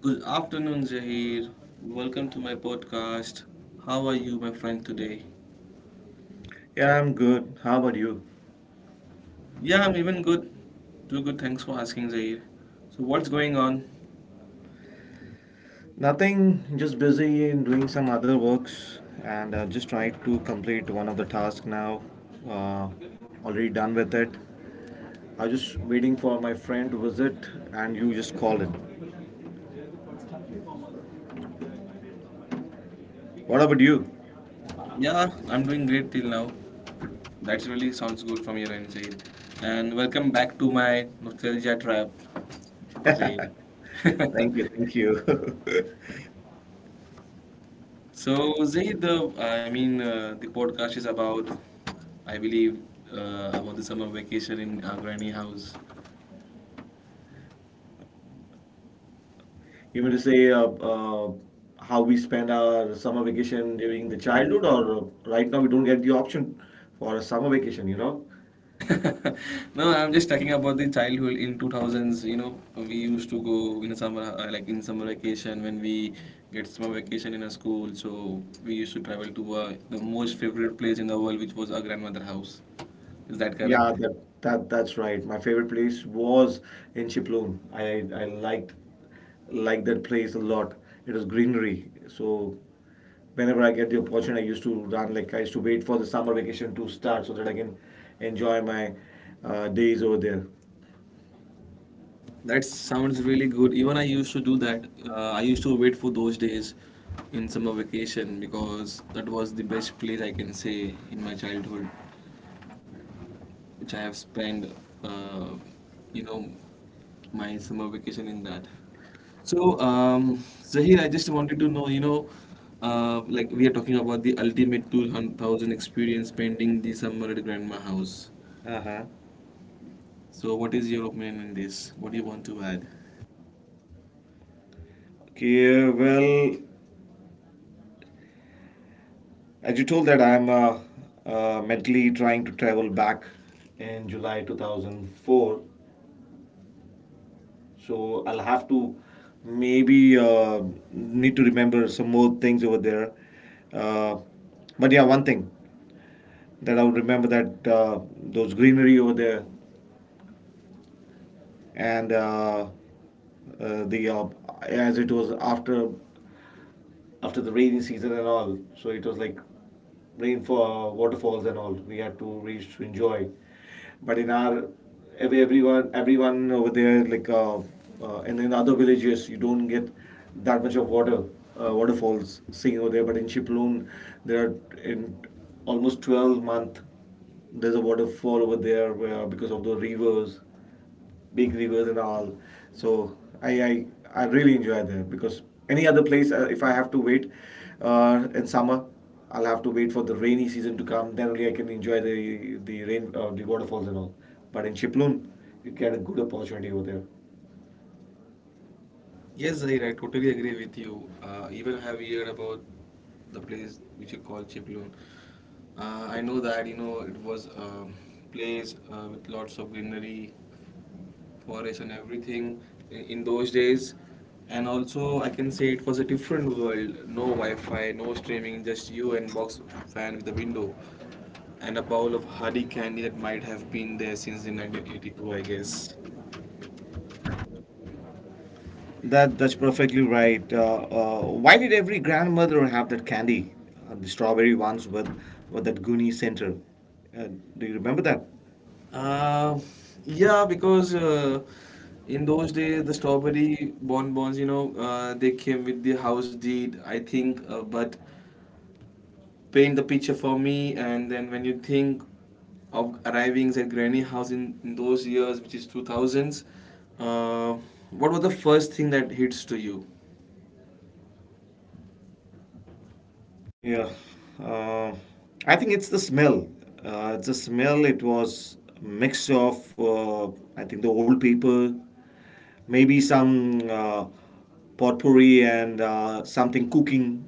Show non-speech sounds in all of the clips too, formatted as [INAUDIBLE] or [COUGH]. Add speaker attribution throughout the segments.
Speaker 1: Good afternoon, Zahir. Welcome to my podcast. How are you, my friend, today?
Speaker 2: Yeah, I'm good. How about you?
Speaker 1: Yeah, I'm even good. Too good. Thanks for asking, Zahir. So, what's going on?
Speaker 2: Nothing, just busy in doing some other works and just trying to complete one of the tasks now. Uh, already done with it. I'm just waiting for my friend to visit and you just call in. What about you?
Speaker 1: Yeah, I'm doing great till now. That really sounds good from your end, Zahir. And welcome back to my nostalgia trap, Zahir.
Speaker 2: Thank
Speaker 1: [LAUGHS]
Speaker 2: you, thank you. [LAUGHS]
Speaker 1: So, Zaid, the podcast is about, I believe, about the summer vacation in our granny house.
Speaker 2: You mean to say how we spend our summer vacation during the childhood, or right now we don't get the option for a summer vacation, you know?
Speaker 1: No, I'm just talking about the childhood in 2000s. You know, we used to go in a summer, like in summer vacation when we get summer vacation in a school. So we used to travel to the most favorite place in the world, which was our grandmother house. Is that correct?
Speaker 2: Yeah, that's right. My favorite place was in Chiploon. I liked that place a lot. It was greenery. So whenever I get the opportunity, I used to run. Like I used to wait for the summer vacation to start so that I can enjoy my days over there.
Speaker 1: That sounds really good. Even I used to do that. I used to wait for those days in summer vacation because that was the best place I can say in my childhood, which I have spent, uh, you know, my summer vacation in that. So, Zahir, I just wanted to know, like we are talking about the ultimate 2000 experience spending the summer at Grandma House.
Speaker 2: Uh-huh.
Speaker 1: So, what is your opinion on this? What do you want to add?
Speaker 2: Okay, well, as you told that I'm mentally trying to travel back in July 2004. So I'll have to maybe need to remember some more things over there. Uh, but yeah, one thing that I would remember that those greenery over there and the as it was after the rainy season and all. So it was like rain for waterfalls and all. We had to reach to enjoy. But in our everyone over there like and in other villages you don't get that much of water waterfalls seen over there. But in Chiploon, there are in almost 12-month there's a waterfall over there where, because of the rivers, big rivers and all. So I I, I really enjoy there because any other place, if I have to wait in summer, I'll have to wait for the rainy season to come. Then only I can enjoy the rain, the waterfalls and all. But in Chiplun, you get a good opportunity over there.
Speaker 1: Yes, Zahir, I totally agree with you. Even I have heard about the place which you call Chiplun. I know that you know it was a place with lots of greenery, forest, and everything in those days. And also, I can say it was a different world. No Wi-Fi, no streaming, just you and box fan with a window, and a bowl of hardy candy that might have been there since the 1982, I guess.
Speaker 2: That's perfectly right. Uh, why did every grandmother have that candy, the strawberry ones with that Goonie center? Uh, do you remember that?
Speaker 1: Uh, yeah, because in those days the strawberry bonbons, you know, they came with the house deed, I think. But paint the picture for me, and then when you think of arriving at granny house in those years, which is 2000s, uh, what was the first thing that hits to you?
Speaker 2: Yeah, uh, I think it's the smell. It's the smell. It was a mix of I think the old people, maybe some potpourri and something cooking.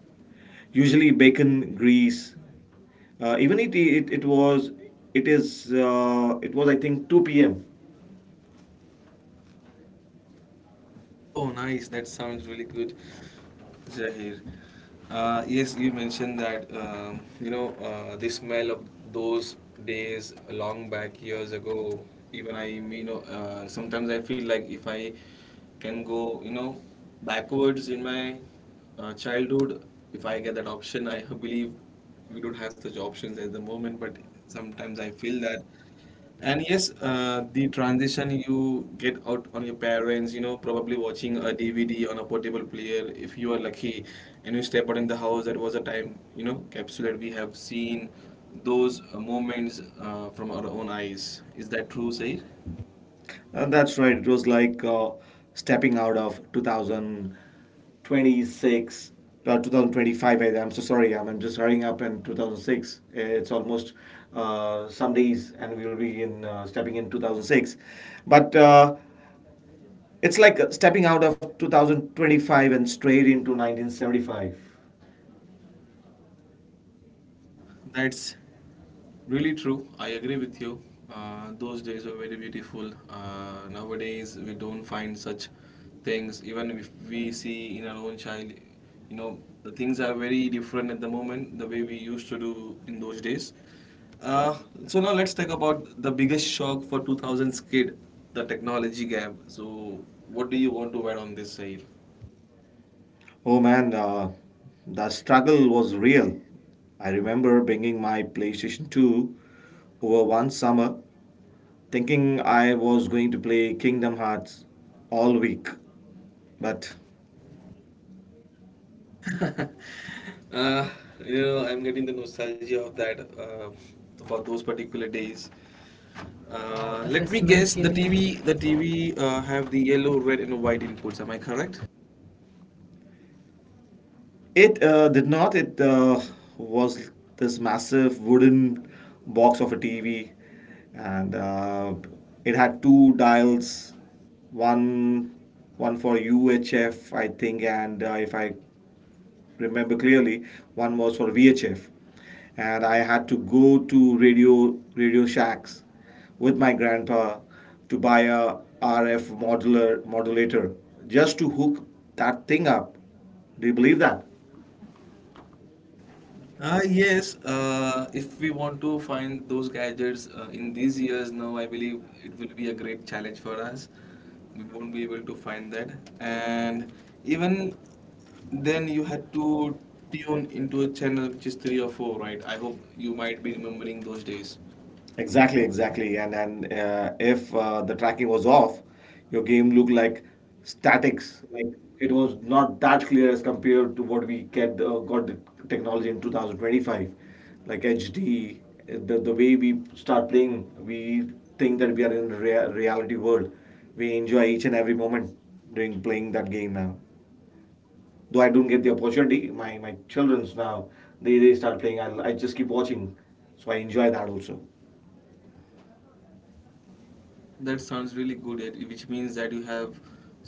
Speaker 2: Usually bacon, grease. Even it was it was I think 2 p.m.
Speaker 1: Oh, nice. That sounds really good, Zahir. Yes, you mentioned that you know the smell of those days long back years ago. Even I, you know, sometimes I feel like if I can go, you know, backwards in my childhood, if I get that option, I believe we don't have such options at the moment. But sometimes I feel that. And yes, the transition you get out on your parents, you know, probably watching a DVD on a portable player, if you are lucky, and you step out in the house, that was a time, you know, capsule that we have seen those moments from our own eyes. Is that true, Sair?
Speaker 2: That's right. It was like stepping out of 2026 or 2025. I'm so sorry. I'm just hurrying up in 2006. It's almost some days, and we'll be in stepping in 2006. But it's like stepping out of 2025 and straight into 1975.
Speaker 1: That's really true. I agree with you. Those days were very beautiful. Nowadays, we don't find such things. Even if we see in our own child, you know, the things are very different at the moment, the way we used to do in those days. Uh, so now let's talk about the biggest shock for 2000s kid, the technology gap. So what do you want to add on this, Saif?
Speaker 2: Oh man, the struggle was real. I remember bringing my PlayStation 2 over one summer thinking I was going to play Kingdom Hearts all week, but
Speaker 1: Uh, you know, I'm getting the nostalgia of that for those particular days. Let me guess. The TV have the yellow, red, and white inputs. Am I correct?
Speaker 2: it did not. It was this massive wooden box of a TV, and it had two dials, one one for UHF, I think, and if I remember clearly. One was for VHF, and I had to go to radio shacks with my grandpa to buy a RF modular modulator just to hook that thing up. Do you believe that?
Speaker 1: Ah yes, if we want to find those gadgets in these years now, I believe it will be a great challenge for us. We won't be able to find that. And even then, you had to tune into a channel which is three or four, right? I hope you might be remembering those days.
Speaker 2: Exactly, exactly. And if the tracking was off, your game looked like statics. Like it was not that clear as compared to what we get got the technology in 2025, like HD. The way we start playing, we think that we are in reality world. We enjoy each and every moment during playing that game now. Though I don't get the opportunity, my childrens now they start playing. I just keep watching, so I enjoy that also.
Speaker 1: That sounds really good, which means that you have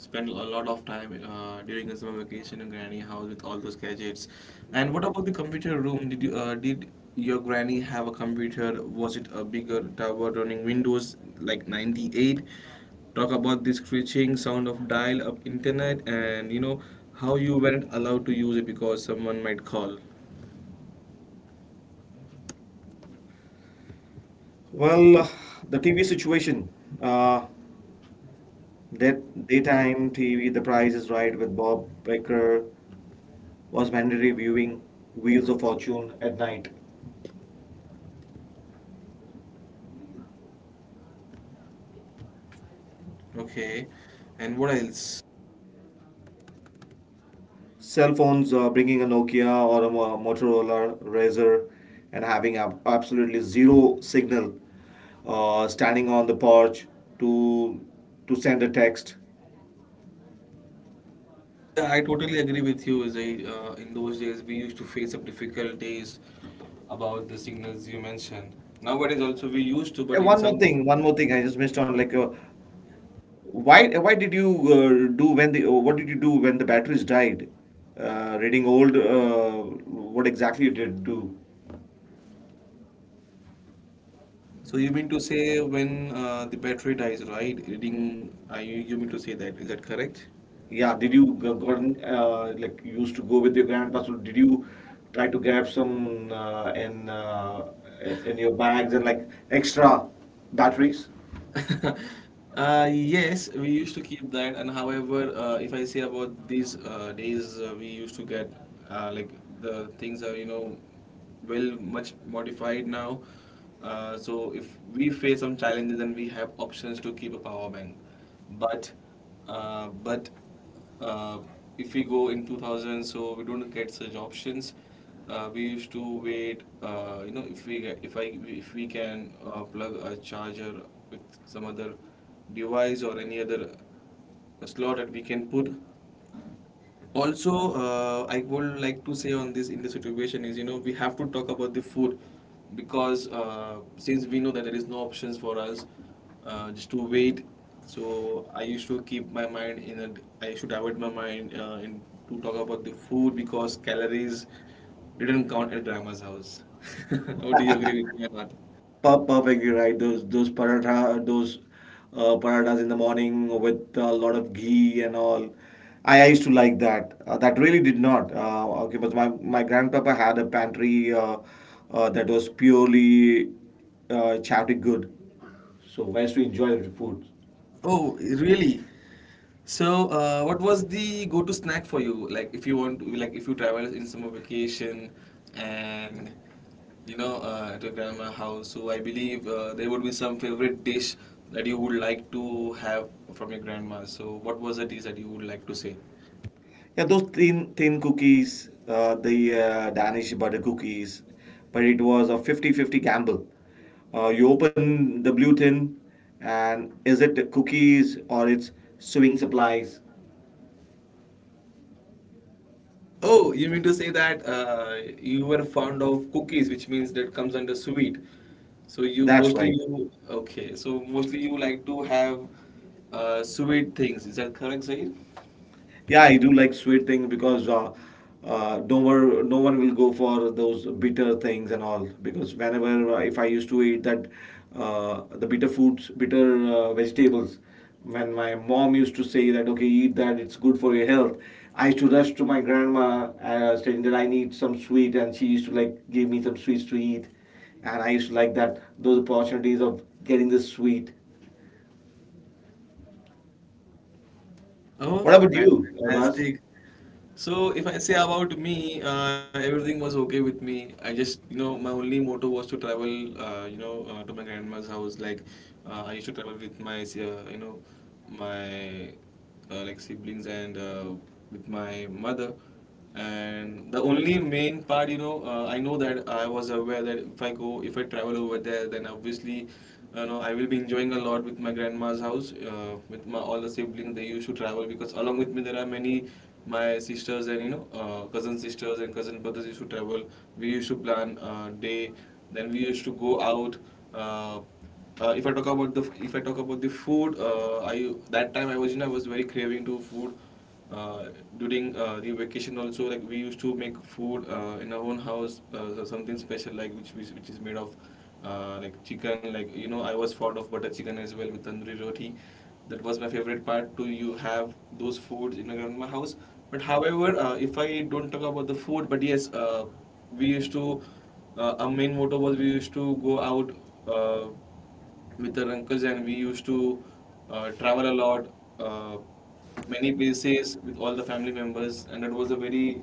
Speaker 1: spent a lot of time during the summer vacation in granny house with all those gadgets. And what about the computer room? Did your granny have a computer? Was it a bigger tower running Windows like 98? Talk about the screeching sound of dial-up internet and you know how you weren't allowed to use it because someone might call.
Speaker 2: Well, the TV situation, uh, that daytime TV, The Price is Right with Bob Barker was mandatory viewing, Wheels of Fortune at night.
Speaker 1: Okay. And what else?
Speaker 2: Cell phones, bringing a Nokia or a Motorola Razr and having ab absolutely zero signal, standing on the porch to to send a text.
Speaker 1: Yeah, I totally agree with you, Zai. In those days, we used to face up difficulties about the signals you mentioned. Nowadays, also we used to, but
Speaker 2: And
Speaker 1: in some.
Speaker 2: one more thing, I just missed on like, why did you do when the what did you do when the batteries died? Reading old, what exactly you did do?
Speaker 1: So you mean to say when the battery dies, right? Reading, you mean to say that? Is that correct?
Speaker 2: Yeah, did you go, gotten, like you used to go with your grandpa? So did you try to grab some in your bags and like extra batteries?
Speaker 1: [LAUGHS] Yes, we used to keep that, and however, if I say about these days, we used to get like the things are you know well much modified now. So if we face some challenges, then we have options to keep a power bank. But but uh, if we go in 2000 so we don't get such options we used to wait you know if I if we can plug a charger with some other device or any other slot that we can put also, I would like to say on this in this situation is you know we have to talk about the food because since we know that there is no options for us just to wait. So I used to divert my mind in to talk about the food because calories didn't count at grandma's house. [LAUGHS] Oh, do you agree with me or not?
Speaker 2: Perfectly right. Those paratha, those parathas in the morning with a lot of ghee and all. I used to like that. That really did not. Okay, but my grandpapa had a pantry that was purely chowdy good. So I used to enjoy the food.
Speaker 1: Oh, really? So, what was the go-to snack for you? Like, if you travel in summer vacation, and you know, to grandma house, so I believe there would be some favorite dish that you would like to have from your grandma. So, what was the dish that you would like to say?
Speaker 2: Yeah, those thin cookies, the Danish butter cookies, but it was a 50-50 gamble. You open the blue tin, and is it the cookies or it's sewing supplies?
Speaker 1: Oh, you mean to say that you were fond of cookies, which means that comes under sweet. So you
Speaker 2: That's
Speaker 1: mostly
Speaker 2: right.
Speaker 1: you okay. So mostly you like to have sweet things. Is that correct, Zaid?
Speaker 2: Yeah, I do like sweet things because no one will go for those bitter things and all because whenever if I used to eat that, the bitter foods, bitter vegetables, when my mom used to say that okay eat that it's good for your health, I used to rush to my grandma saying that I need some sweet and she used to like give me some sweets to eat, and I used to like that those opportunities of getting this sweet.
Speaker 1: Oh,
Speaker 2: What about
Speaker 1: that's
Speaker 2: you, Abbas?
Speaker 1: fantastic. So if I say about me, everything was okay with me. I just, you know, my only motto was to travel, to my grandma's house. Like, I used to travel with you know, my like siblings and with my mother. And the only main part, you know, I know that I was aware that if I travel over there, then obviously, you know, I will be enjoying a lot with my grandma's house, with my all the siblings. They used to travel because along with me there are many my sisters and you know cousin sisters and cousin brothers used to travel. We used to plan day, then we used to go out. Uh, if I talk about the If I talk about the food, I that time I was you know I was very craving to food uh, during the vacation also like we used to make food in our own house so something special like which is made of like chicken like you know I was fond of butter chicken as well with tandoori roti. That was my favorite part to you have those foods in my grandma house. But however, if I don't talk about the food but yes we used to our main motto was we used to go out uh, with our uncles, and we used to travel a lot, uh, many places with all the family members, and it was a very,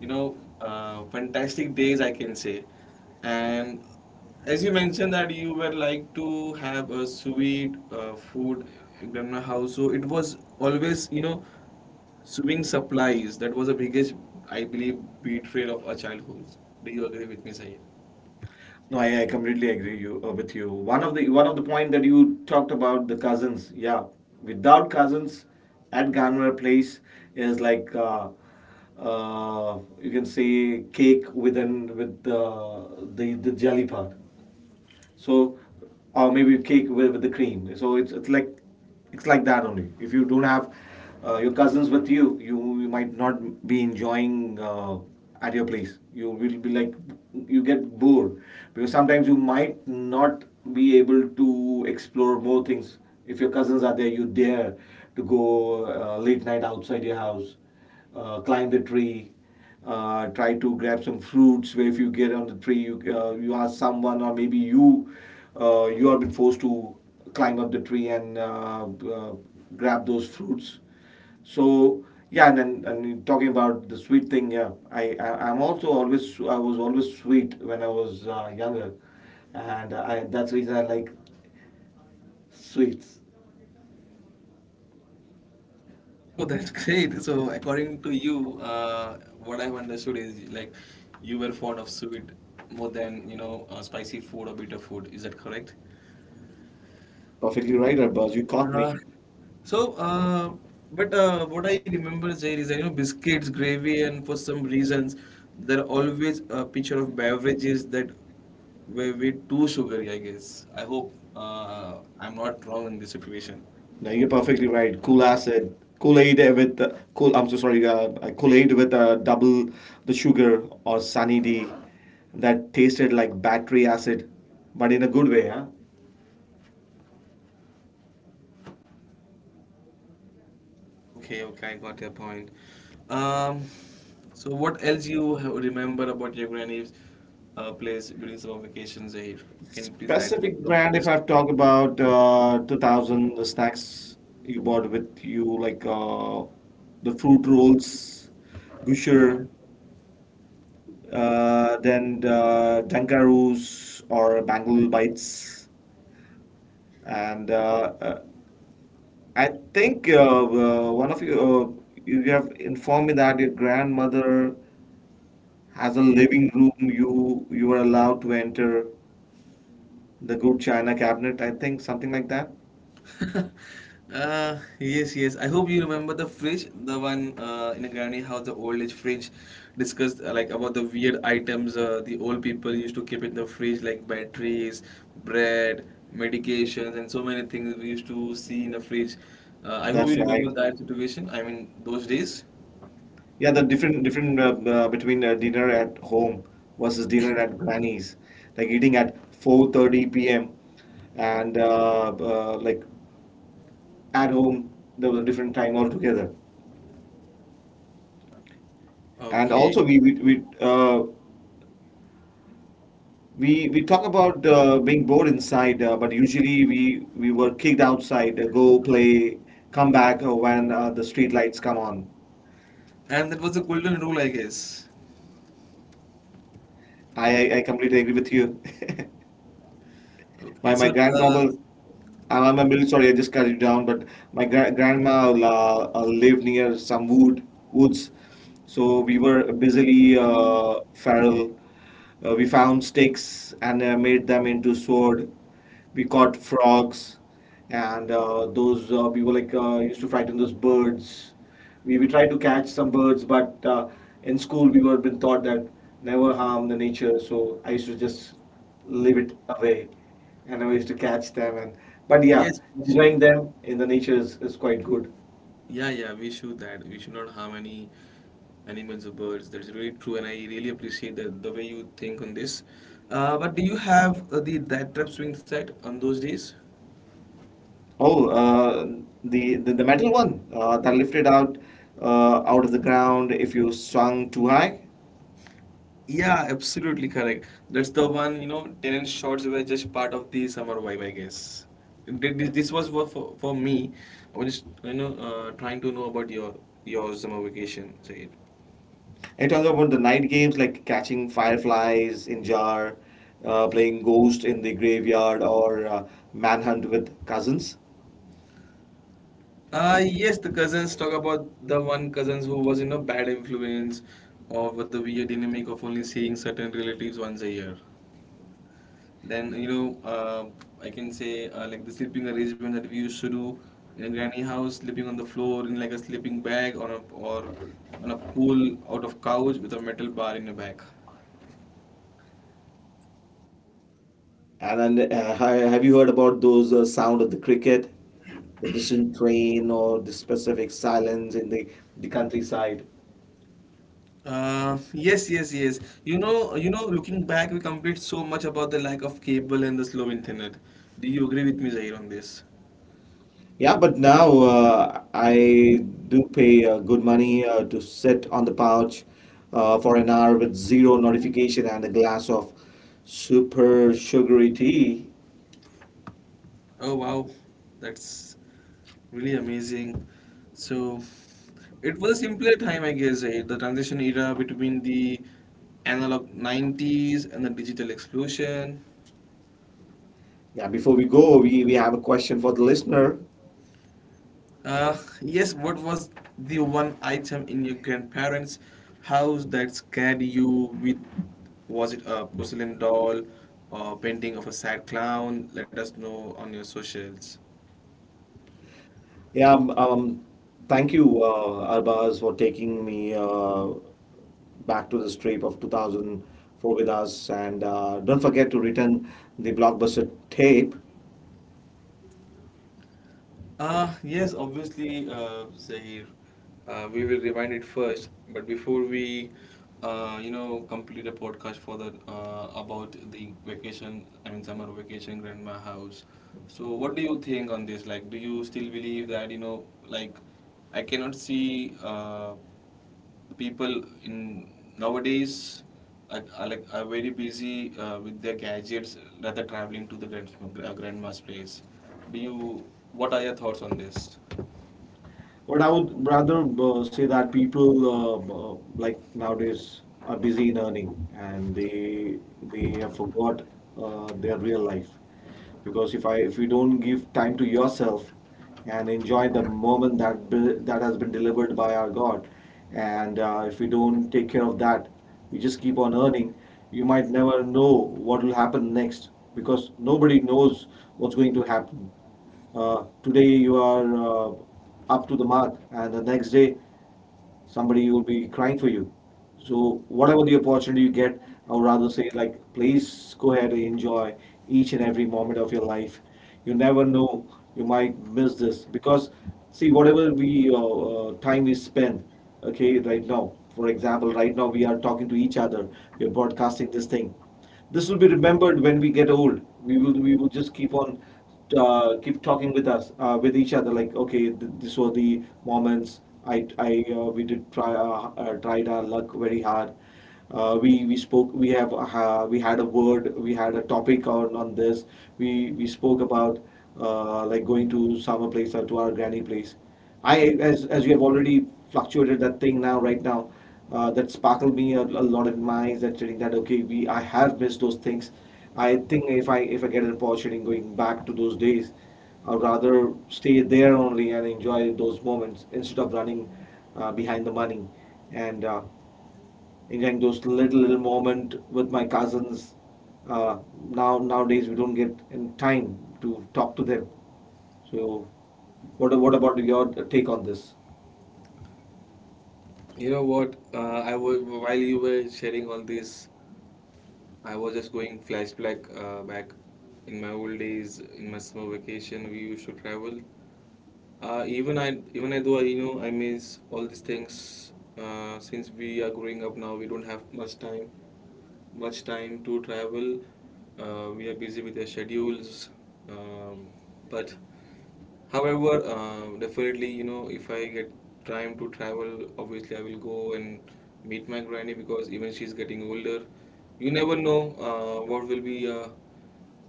Speaker 1: you know, fantastic days I can say. And as you mentioned that you were like to have a sweet food in grandma house, so it was always, you know, sewing supplies. That was the biggest, I believe, betrayal of our childhood. Do you agree with me, Sahir?
Speaker 2: No, I completely agree you with you. One of the point that you talked about the cousins. Yeah, without cousins at Ganwar Place is like, you can say cake within with the jelly part. So, or maybe cake with the cream. So it's like it's like that only. If you don't have your cousins with you, you might not be enjoying at your place. You will be like you get bored because sometimes you might not be able to explore more things. If your cousins are there, you dare to go late night outside your house, climb the tree, try to grab some fruits where if you get on the tree you ask someone or maybe you are been forced to climb up the tree and uh, grab those fruits. So yeah, and then and talking about the sweet thing, yeah, I was always sweet when I was younger and that's the reason I like sweets.
Speaker 1: Oh, that's great. So, according to you, what I've understood is like you were fond of sweet more than you know spicy food or bitter food. Is that correct?
Speaker 2: Perfectly right, Arbaz. You caught me.
Speaker 1: Right. So, but what I remember is there is you know biscuits, gravy, and for some reasons there are always a picture of beverages that were way too sugary. I guess. I hope I'm not wrong in this situation.
Speaker 2: No, you're perfectly right. Kool Aid with cool. I'm so sorry. Kool Aid with double the sugar or Sunny D, that tasted like battery acid, but in a good way, huh?
Speaker 1: Okay, okay, I got your point. Um, so what else you have remember about your granny's place during summer vacations, Zahir? Can you please add more
Speaker 2: Specific brand. If
Speaker 1: topics?
Speaker 2: I've talked about 2000, the snacks you bought with you, like, the fruit rolls, Gusher, then Dunkaroos or Bangalore bites, and I think one of you, you have informed me that your grandmother has a living room you are allowed to enter the good china cabinet. I think something like that.
Speaker 1: [LAUGHS] Yes, yes. I hope you remember the fridge, the one in a granny house, the old age fridge, discussed like about the weird items the old people used to keep in the fridge, like batteries, bread, medications, and so many things we used to see in the fridge. I hope you
Speaker 2: That's
Speaker 1: remember
Speaker 2: right.
Speaker 1: that situation. I mean, those days.
Speaker 2: Yeah, the different between dinner at home versus dinner at granny's, like eating at 4:30 p.m. and like at home there was a different time altogether. And
Speaker 1: Okay.
Speaker 2: also we talk about being bored inside, but usually we were kicked outside. Go play, come back when the street lights come on.
Speaker 1: And that was the golden rule, I guess.
Speaker 2: I completely agree with you. [LAUGHS]
Speaker 1: Okay.
Speaker 2: My grandfather, I'm really sorry, I just cut you down, but my grandma lived near some woods, so we were busily feral. We found sticks and made them into sword. We caught frogs, and those we were like used to frighten those birds. We tried to catch some birds, but in school we were been taught that never harm the nature. So I used to just leave it away and I used to catch them and but yeah,
Speaker 1: Yes, we
Speaker 2: enjoying
Speaker 1: should.
Speaker 2: them in the nature is quite good.
Speaker 1: Yeah, yeah, we should that. We should not harm any animals or birds. That's really true, and I really appreciate the way you think on this. But do you have the that trap swing set on those days?
Speaker 2: Oh, the metal one that lifted out out of the ground if you swung too high.
Speaker 1: Yeah, absolutely correct. That's the one, tenant shorts were just part of the summer vibe, I guess. This was for me. I was just, trying to know about your summer vacation, Said.
Speaker 2: And talking about the night games like catching fireflies in jar, playing ghost in the graveyard, or manhunt with cousins.
Speaker 1: Yes, the cousins talk about the one cousins who was, you know, bad influence or with the weird dynamic of only seeing certain relatives once a year. Then, I can say like the sleeping arrangement that we used to do in a granny house, sleeping on the floor in like a sleeping bag on a, or on a pool out of couch with a metal bar in your back.
Speaker 2: And then have you heard about those sound of the cricket? The distant train or the specific silence in the countryside.
Speaker 1: Yes. Looking back, we complained so much about the lack of cable and the slow internet. Do you agree with me, Zahir, on this?
Speaker 2: Yeah, but now I do pay good money to sit on the couch for an hour with zero notification and a glass of super sugary tea.
Speaker 1: Oh wow, that's really amazing. So it was a simpler time, I guess. The transition era between the analog 90s and the digital explosion.
Speaker 2: Yeah, before we go, we have a question for the listener.
Speaker 1: Uh, yes, what was the one item in your grandparents' house that scared you with? Was it a porcelain doll or painting of a sad clown? Let us know on your socials.
Speaker 2: Yeah, thank you, Arbaz, for taking me back to this trip of 2004 with us. And don't forget to return the blockbuster tape.
Speaker 1: Yes, obviously, Zahir, we will rewind it first. But before we, complete a podcast for the about the vacation, I mean, summer vacation, grandma house. So, what do you think on this? Like, do you still believe that, you know, like, I cannot see people in nowadays are like are very busy with their gadgets rather traveling to grandma space, do you, what are your thoughts on this?
Speaker 2: But I would rather say that people like nowadays are busy in earning and they have forgot their real life. Because if you don't give time to yourself and enjoy the moment that has been delivered by our God, and if you don't take care of that, you just keep on earning. You might never know what will happen next because nobody knows what's going to happen. Today you are up to the mark, and the next day somebody will be crying for you. So whatever the opportunity you get, I would rather say like please go ahead and enjoy each and every moment of your life. You never know you might miss this because see whatever we time we spend, okay, right now. For example, right now we are talking to each other. We are broadcasting this thing. This will be remembered when we get old. We will just keep on keep talking with us with each other like okay these were the moments I we did try tried our luck very hard. We spoke we have we had a word we had a topic on this. We spoke about, like going to summer place or to our granny place. As you have already fluctuated that thing now, right now, that sparkled me a lot in my eyes. That feeling that okay, we I have missed those things. I think if I get an opportunity going back to those days, I'd rather stay there only and enjoy those moments instead of running behind the money and enjoying those little moment with my cousins. Uh, Nowadays we don't get in time to talk to them. So, what about your take on this?
Speaker 1: You know what? I was while you were sharing all this, I was just going flashback back in my old days, in my summer vacation, we used to travel. Even I though I, you know, I miss all these things. Since we are growing up now, we don't have much time to travel. We are busy with our schedules, um, but. However, definitely, you know, if I get time to travel, obviously I will go and meet my granny because even she's getting older. You never know what will be,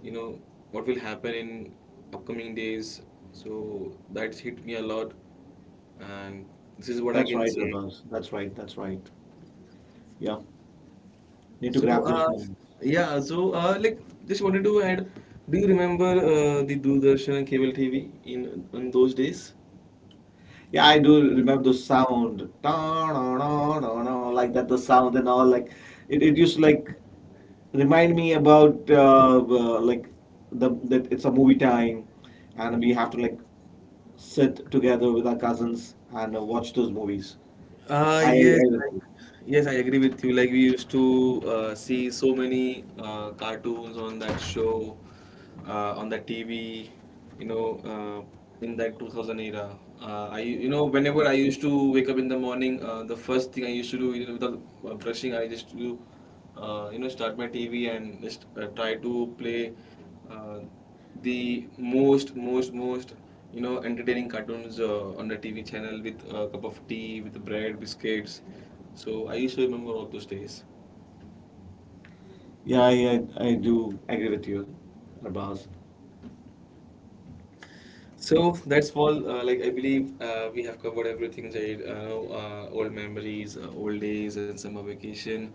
Speaker 1: you know, what will happen in upcoming days. So that's hit me a lot, and this is what I
Speaker 2: That's
Speaker 1: can
Speaker 2: right,
Speaker 1: say.
Speaker 2: Abbas. That's right. That's right. Yeah. Need to
Speaker 1: So,
Speaker 2: grab those
Speaker 1: uh,
Speaker 2: moments.
Speaker 1: like just wanted to add, do you remember the Doordarshan and cable TV in those days?
Speaker 2: Yeah, I do remember the sound. Ta-na-na-na-na, like that, the sound and all. Like it used to like remind me about like the that it's a movie time, and we have to like sit together with our cousins and watch those movies.
Speaker 1: Uh,
Speaker 2: I
Speaker 1: yes, like
Speaker 2: remember.
Speaker 1: yes, I agree with you. Like we used to see so many cartoons on that show, on the TV. You know, uh, in that 2000 era, I, you know, whenever I used to wake up in the morning, the first thing I used to do, you know, without brushing, I just do, start my TV and just try to play uh, the most, you know, entertaining cartoons on the TV channel with a cup of tea with bread biscuits. So I used to remember all those days.
Speaker 2: Yeah, I do agree with you, Arbaz.
Speaker 1: So that's all. Like I believe we have covered everything, Jade. Old memories, old days, and summer vacation.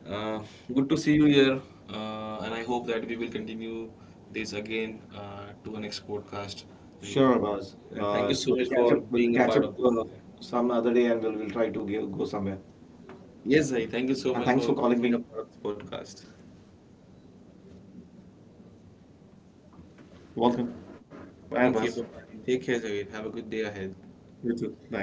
Speaker 1: Uh, good to see you here, and I hope that we will continue this again to our next podcast, Jade.
Speaker 2: Sure, Abbas.
Speaker 1: And thank you so
Speaker 2: We'll
Speaker 1: much
Speaker 2: catch up.
Speaker 1: for being a part of this.
Speaker 2: Some other day, and we'll try to go somewhere.
Speaker 1: Yes, Jade. Thank you so
Speaker 2: And
Speaker 1: much
Speaker 2: thanks for
Speaker 1: for
Speaker 2: calling
Speaker 1: being a
Speaker 2: me.
Speaker 1: part of this podcast.
Speaker 2: Welcome. Bye,
Speaker 1: Thank you.
Speaker 2: Abbas.
Speaker 1: Bye bye. Take care, Jade. Have a good day ahead.
Speaker 2: You too. Bye.